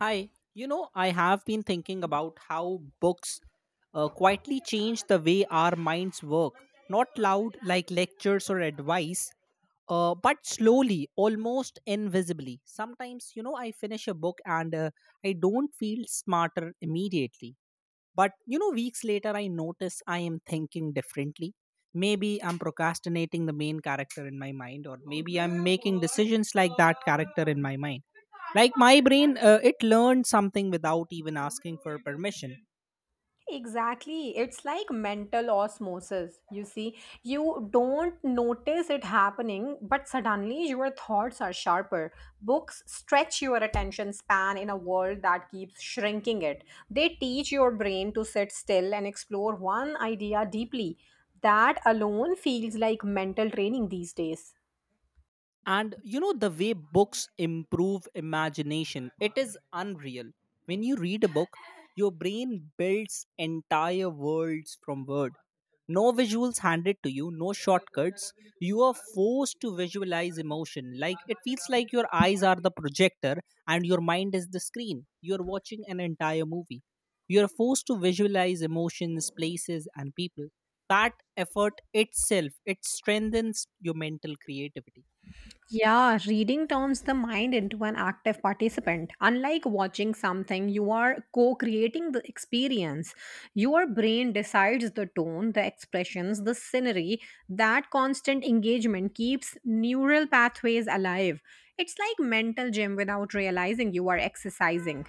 Hi, you know, I have been thinking about how books quietly change the way our minds work. Not loud like lectures or advice, but slowly, almost invisibly. Sometimes, you know, I finish a book and I don't feel smarter immediately. But you know, weeks later, I notice I am thinking differently. Maybe I'm procrastinating the main character in my mind, or maybe I'm making decisions like that character in my mind. Like my brain, it learned something without even asking for permission. Exactly. It's like mental osmosis. You see, you don't notice it happening, but suddenly your thoughts are sharper. Books stretch your attention span in a world that keeps shrinking it. They teach your brain to sit still and explore one idea deeply. That alone feels like mental training these days. And you know, the way books improve imagination, it is unreal. When you read a book, your brain builds entire worlds from word. No visuals handed to you, no shortcuts. You are forced to visualize emotion. Like, it feels like your eyes are the projector and your mind is the screen. You are watching an entire movie. You are forced to visualize emotions, places and people. That effort itself, it strengthens your mental creativity. Yeah, reading turns the mind into an active participant. Unlike watching something, you are co creating the experience. Your brain decides the tone, the expressions, the scenery. That constant engagement keeps neural pathways alive. It's like mental gym without realizing you are exercising.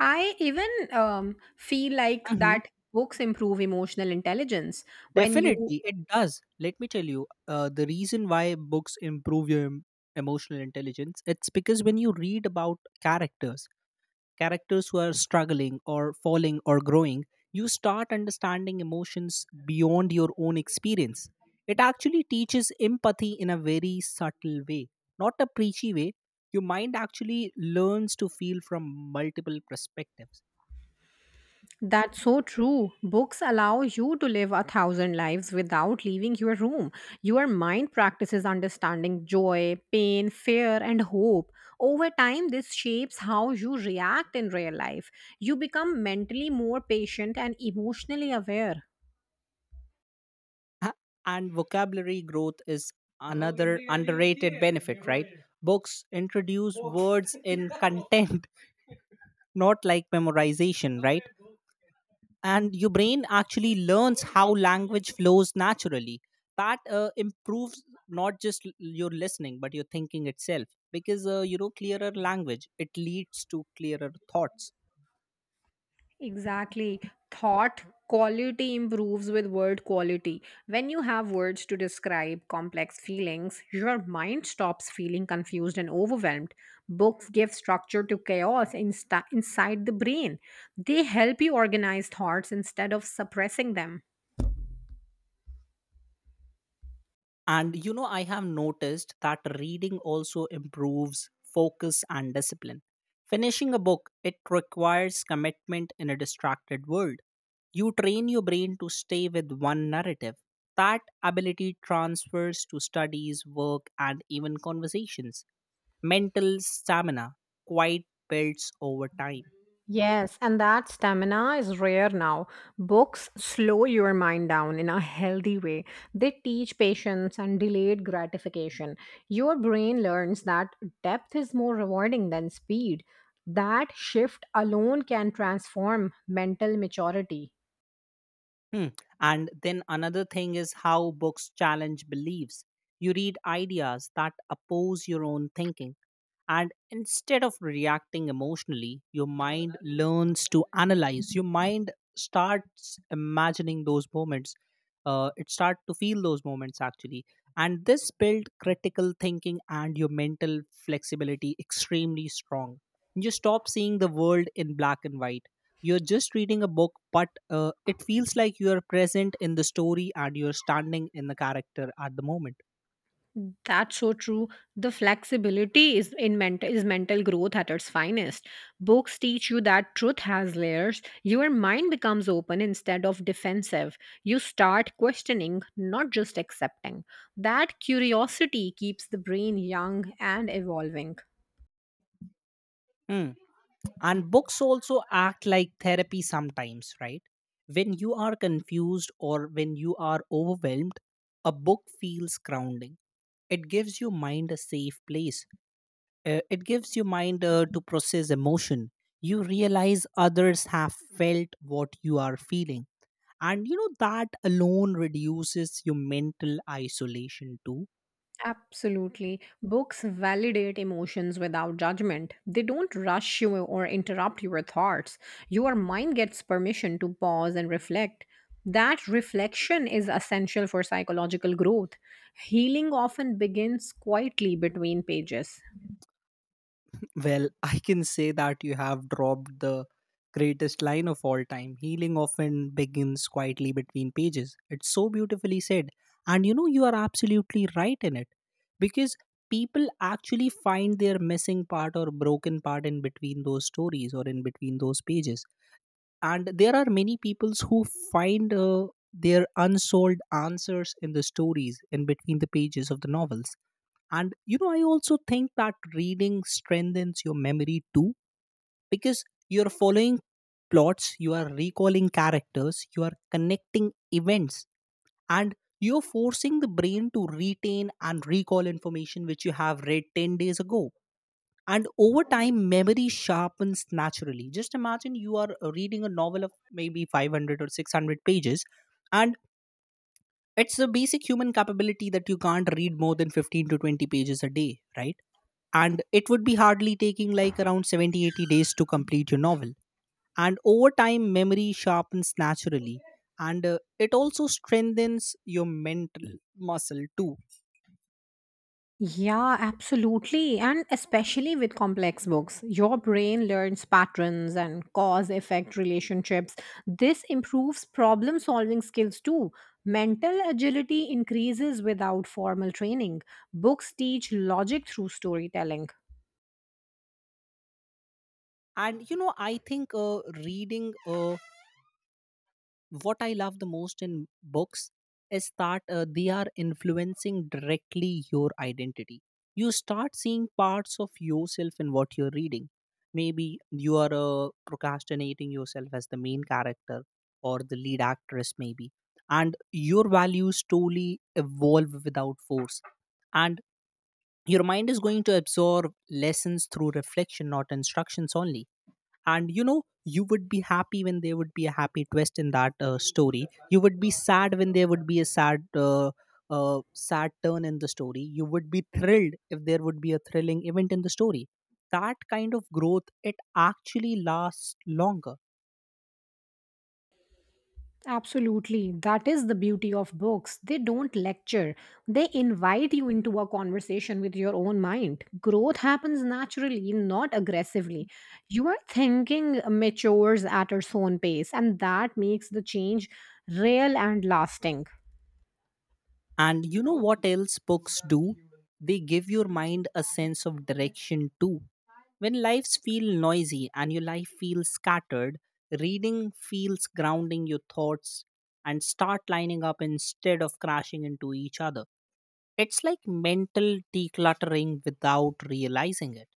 I even feel like Mhm. that books improve emotional intelligence when you Definitely, it does. Let me tell you, the reason why books improve your emotional intelligence, it's because when you read about characters, characters who are struggling or falling or growing, you start understanding emotions beyond your own experience. It actually teaches empathy in a very subtle way, not a preachy way. Your mind actually learns to feel from multiple perspectives. That's so true. Books allow you to live a thousand lives without leaving your room. Your mind practices understanding joy, pain, fear, and hope. Over time, this shapes how you react in real life. You become mentally more patient and emotionally aware. A- and vocabulary growth is another underrated benefit, right? Books introduce words in content, not like memorization, right? And your brain actually learns how language flows naturally. That improves not just your listening, but your thinking itself. Because, you know, clearer language, it leads to clearer thoughts. Exactly. Thought quality improves with word quality. When you have words to describe complex feelings, your mind stops feeling confused and overwhelmed. Books give structure to chaos inside the brain. They help you organize thoughts instead of suppressing them. And you know, I have noticed that reading also improves focus and discipline. Finishing a book, it requires commitment in a distracted world. You train your brain to stay with one narrative. That ability transfers to studies, work, and even conversations. Mental stamina quite builds over time. Yes, and that stamina is rare now. Books slow your mind down in a healthy way. They teach patience and delayed gratification. Your brain learns that depth is more rewarding than speed. That shift alone can transform mental maturity. Hmm. And then another thing is how books challenge beliefs. You read ideas that oppose your own thinking, and instead of reacting emotionally, your mind learns to analyze. Your mind starts imagining those moments. It starts to feel those moments actually, and this build critical thinking and your mental flexibility extremely strong. You stop seeing the world in black and white. You're just reading a book, but it feels like you're present in the story and you're standing in the character at the moment. That's so true. The flexibility is in mental is mental growth at its finest. Books teach you that truth has layers. Your mind becomes open instead of defensive. You start questioning, not just accepting. That curiosity keeps the brain young and evolving. Hmm. And books also act like therapy sometimes, right? When you are confused or when you are overwhelmed, a book feels grounding. It gives your mind a safe place. It gives your mind to process emotion. You realize others have felt what you are feeling, and you know, that alone reduces your mental isolation too. Absolutely. Books validate emotions without judgment. They don't rush you or interrupt your thoughts. Your mind gets permission to pause and reflect. That reflection is essential for psychological growth. Healing often begins quietly between pages. Well, I can say that you have dropped the greatest line of all time. Healing often begins quietly between pages. It's so beautifully said. And you know, you are absolutely right in it. Because people actually find their missing part or broken part in between those stories or in between those pages. And there are many peoples who find their unsolved answers in the stories in between the pages of the novels. And you know, I also think that reading strengthens your memory too, because you're following plots, you are recalling characters, you are connecting events, and you're forcing the brain to retain and recall information which you have read 10 days ago. And over time, memory sharpens naturally. Just imagine you are reading a novel of maybe 500 or 600 pages, and it's a basic human capability that you can't read more than 15 to 20 pages a day, right? And it would be hardly taking like around 70, 80 days to complete your novel. And over time, memory sharpens naturally, and it also strengthens your mental muscle too. Yeah, absolutely. And especially with complex books, your brain learns patterns and cause effect relationships. This improves problem solving skills too. Mental agility increases without formal training. Books teach logic through storytelling. And you know, I think reading a what I love the most in books is that they are influencing directly your identity. You start seeing parts of yourself in what you're reading. Maybe you are procrastinating yourself as the main character or the lead actress, maybe. And your values slowly evolve without force. And your mind is going to absorb lessons through reflection, not instructions only. And you know, you would be happy when there would be a happy twist in that story. You would be sad when there would be a sad sad turn in the story. You would be thrilled if there would be a thrilling event in the story. That kind of growth, it actually lasts longer. Absolutely. That is the beauty of books. They don't lecture, they invite you into a conversation with your own mind. Growth happens naturally, not aggressively. You are thinking matures at its own pace, and that makes the change real and lasting. And you know what else books do? They give your mind a sense of direction too. When lives feel noisy and your life feels scattered, reading feels grounding your thoughts, and start lining up instead of crashing into each other. It's like mental decluttering without realizing it.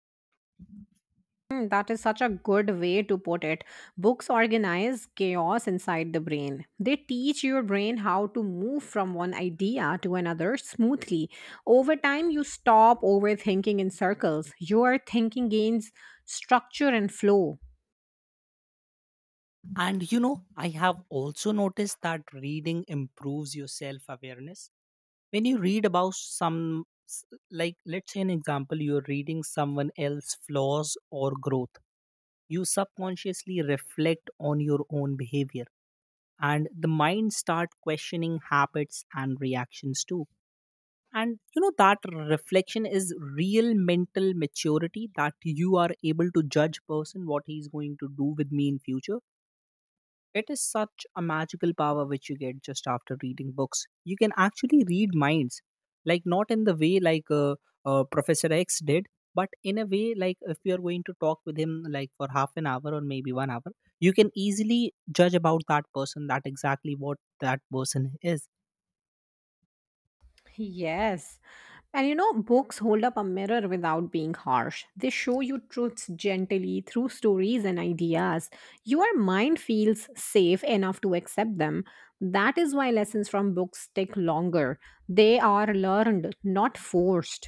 Mm, that is such a good way to put it. Books organize chaos inside the brain. They teach your brain how to move from one idea to another smoothly. Over time, you stop overthinking in circles. Your thinking gains structure and flow. And you know, I have also noticed that reading improves your self awareness. When you read about like, let's say an example, you're reading someone else's flaws or growth, you subconsciously reflect on your own behavior, and the mind start questioning habits and reactions too. And you know, that reflection is real mental maturity, that you are able to judge person what he's going to do with me in future. It is such a magical power which you get just after reading books. You can actually read minds, like, not in the way like Professor X did, but in a way like if you are going to talk with him like for half an hour or maybe 1 hour, you can easily judge about that person that exactly what that person is. Yes. And you know, books hold up a mirror without being harsh. They show you truths gently through stories and ideas. Your mind feels safe enough to accept them. That is why lessons from books take longer. They are learned, not forced.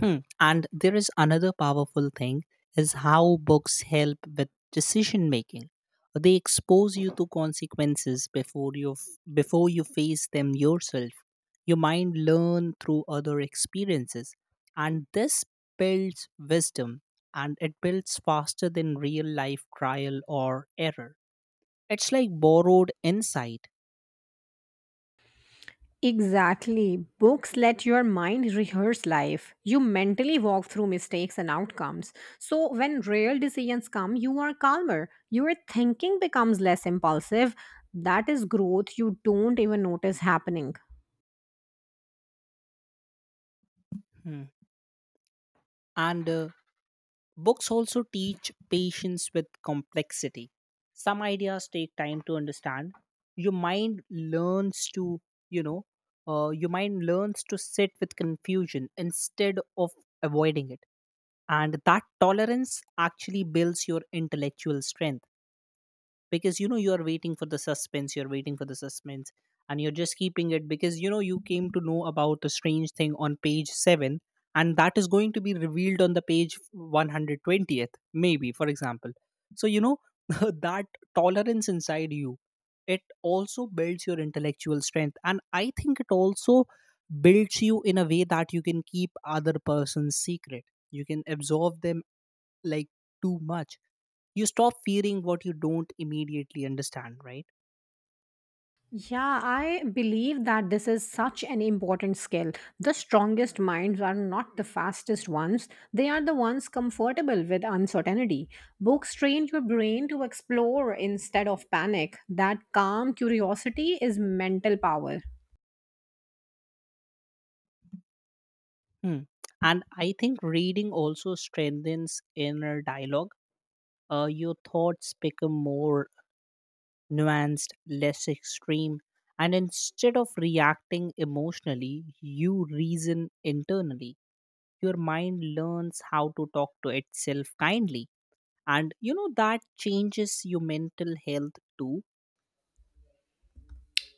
Hmm. And there is another powerful thing is how books help with decision making. They expose you to consequences before you face them yourself. Your mind learn through other experiences, and this builds wisdom, and it builds faster than real life trial or error. It's like borrowed insight. Exactly. Books let your mind rehearse life. You mentally walk through mistakes and outcomes. So when real decisions come, you are calmer. Your thinking becomes less impulsive. That is growth you don't even notice happening. Hmm. and Books also teach patience with complexity. Some ideas take time to understand. Your mind learns to, you know, your mind learns to sit with confusion instead of avoiding it. And that tolerance actually builds your intellectual strength. Because you know, you are waiting for the suspense, and you're just keeping it, because you know you came to know about a strange thing on page 7, and that is going to be revealed on the page 120th maybe, for example. So you know, that tolerance inside you, it also builds your intellectual strength. And I think it also builds you in a way that you can keep other person's secret. You can absorb them like too much. You stop fearing what you don't immediately understand, right? Yeah, I believe that this is such an important skill. The strongest minds are not the fastest ones, they are the ones comfortable with uncertainty. Books train your brain to explore instead of panic. That calm curiosity is mental power. Hmm. And I think reading also strengthens inner dialogue. Your thoughts become more nuanced, less extreme, and instead of reacting emotionally, you reason internally. Your mind learns how to talk to itself kindly, and you know, that changes your mental health too.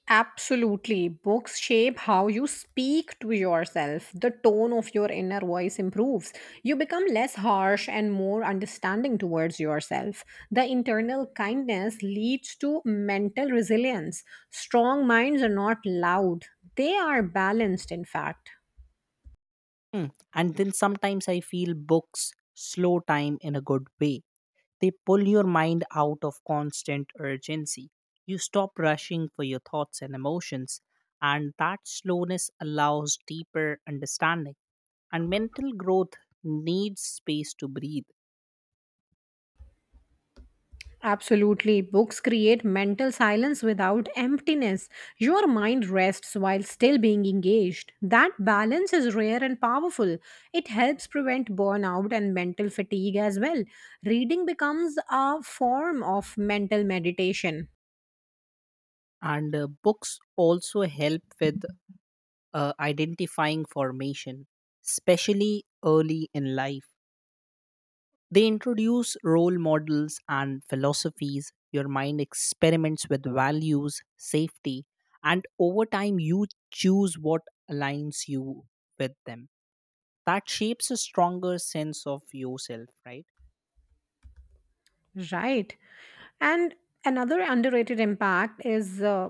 Absolutely. Books shape how you speak to yourself. The tone of your inner voice improves. You become less harsh and more understanding towards yourself. The internal kindness leads to mental resilience. Strong minds are not loud, they are balanced, in fact. Hmm. And then sometimes I feel books slow time in a good way. They pull your mind out of constant urgency. You stop rushing for your thoughts and emotions, and that slowness allows deeper understanding. And mental growth needs space to breathe. Absolutely. Books create mental silence without emptiness. Your mind rests while still being engaged. That balance is rare and powerful. It helps prevent burnout and mental fatigue as well. Reading becomes a form of mental meditation. And books also help with identifying formation, especially early in life. They introduce role models and philosophies. Your mind experiments with values, safety, and over time you choose what aligns you with them. That shapes a stronger sense of yourself, right? Right. And another underrated impact is. Uh,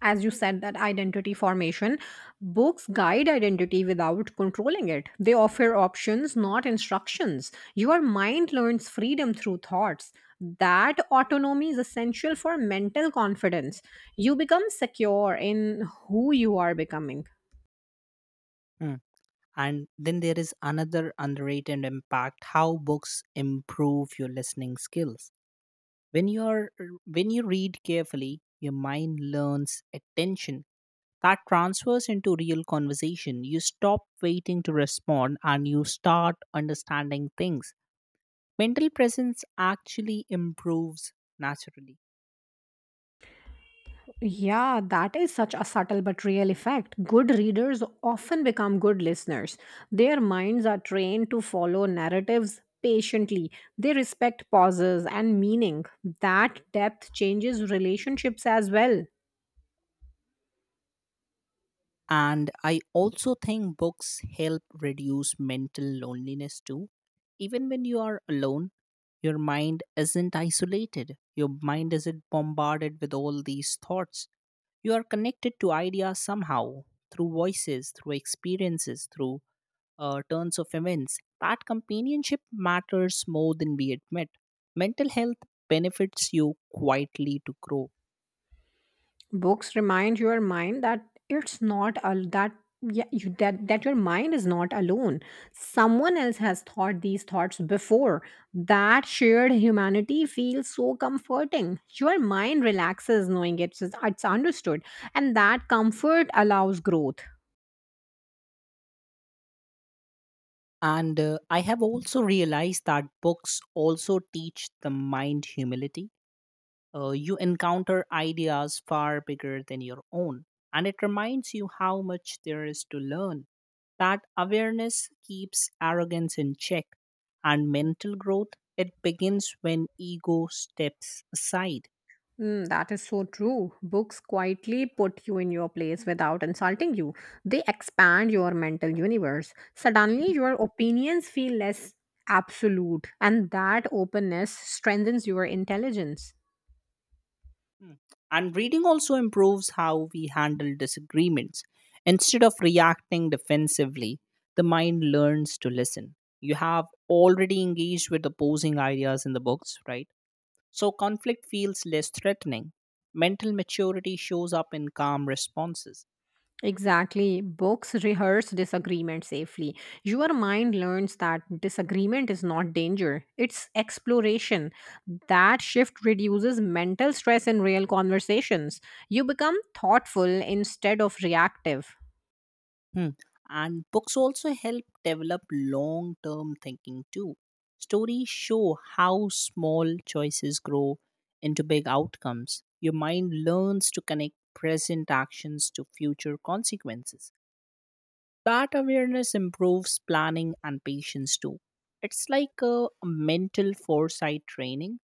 as you said, that identity formation, books guide identity without controlling it. They offer options, not instructions. Your mind learns freedom through thoughts. That autonomy is essential for mental confidence. You become secure in who you are becoming. Mm. And then there is another underrated impact, how books improve your listening skills. When you're when you read carefully, your mind learns attention. That transfers into real conversation. You stop waiting to respond and you start understanding things. Mental presence actually improves naturally. Yeah, that is such a subtle but real effect. Good readers often become good listeners. Their minds are trained to follow narratives patiently, they respect pauses and meaning. That depth changes relationships as well. And I also think books help reduce mental loneliness too. Even when you are alone, your mind isn't isolated, your mind isn't bombarded with all these thoughts. You are connected to ideas somehow through voices, through experiences, through turns of events. That companionship matters more than we admit. Mental health benefits you quietly to grow. Books remind your mind that it's not al that yeah, you, that that your mind is not alone. Someone else has thought these thoughts before. That shared humanity feels so comforting. Your mind relaxes knowing it's understood, and that comfort allows growth. And I have also realized that books also teach the mind humility. You encounter ideas far bigger than your own, and it reminds you how much there is to learn. That awareness keeps arrogance in check, and mental growth, it begins when ego steps aside. Mm, that is so true. Books quietly put you in your place without insulting you. They expand your mental universe. Suddenly, your opinions feel less absolute, and that openness strengthens your intelligence. And reading also improves how we handle disagreements. Instead of reacting defensively, the mind learns to listen. You have already engaged with opposing ideas in the books, right? So conflict feels less threatening. Mental maturity shows up in calm responses. Exactly. Books rehearse disagreement safely. Your mind learns that disagreement is not danger, it's exploration. That shift reduces mental stress in real conversations. You become thoughtful instead of reactive. Hmm. And books also help develop long term thinking too. Stories show how small choices grow into big outcomes. Your mind learns to connect present actions to future consequences. That awareness improves planning and patience too. It's like a mental foresight training.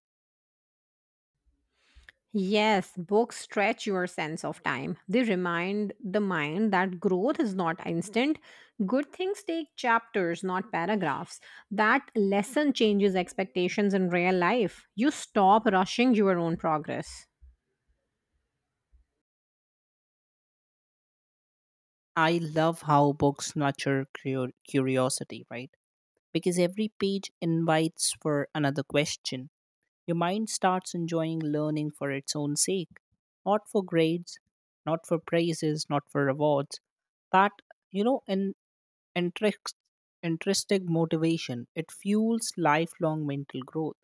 Yes, books stretch your sense of time. They remind the mind that growth is not instant. Good things take chapters, not paragraphs. That lesson changes expectations in real life. You stop rushing your own progress. I love how books nurture curiosity, right? Because every page invites for another question. Your mind starts enjoying learning for its own sake, not for grades, not for praises, not for rewards. That, you know, in interest, intrinsic motivation, it fuels lifelong mental growth.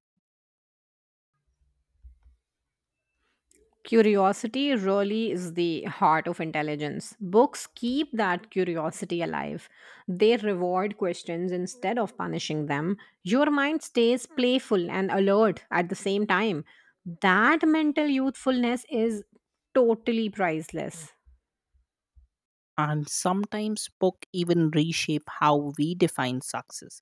Curiosity really is the heart of intelligence. Books keep that curiosity alive. They reward questions instead of punishing them. Your mind stays playful and alert at the same time. That mental youthfulness is totally priceless. And sometimes book even reshape how we define success.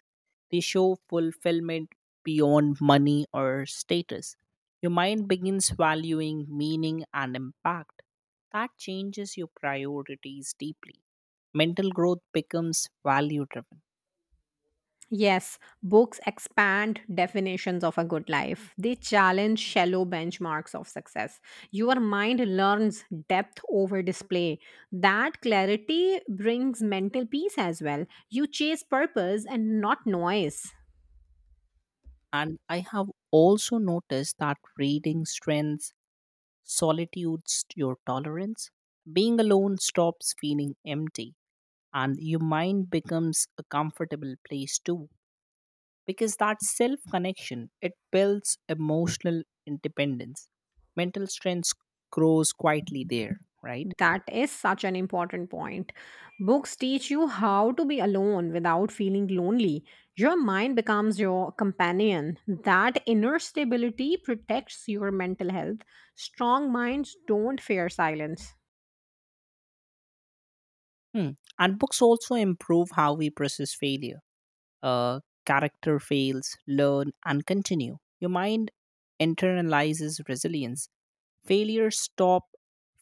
They show fulfillment beyond money or status. Your mind begins valuing meaning and impact. That changes your priorities deeply. Mental growth becomes value driven. Yes, books expand definitions of a good life. They challenge shallow benchmarks of success. Your mind learns depth over display. That clarity brings mental peace as well. You chase purpose and not noise. And I have also noticed that reading strengthens solitudes your tolerance. Being alone stops feeling empty, and your mind becomes a comfortable place too, because that self connection, it builds emotional independence. Mental strength grows quietly there, right? That is such an important point. Books teach you how to be alone without feeling lonely. Your mind becomes your companion. That inner stability protects your mental health. Strong minds don't fear silence. Hmm. And books also improve how we process failure. uh, Character fails learn and continue. Your mind internalizes resilience. Failure stop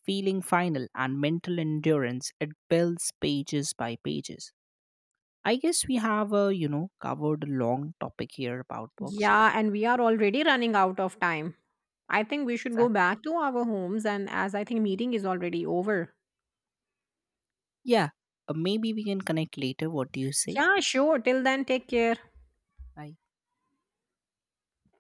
feeling final, and mental endurance, it builds pages by pages. I guess we have, you know, covered a long topic here about books. Yeah, and we are already running out of time. I think we should go Exactly. back to our homes, and as I think meeting is already over. Yeah. Maybe we can connect later. What do you say? Yeah, sure. Till then, take care. Bye.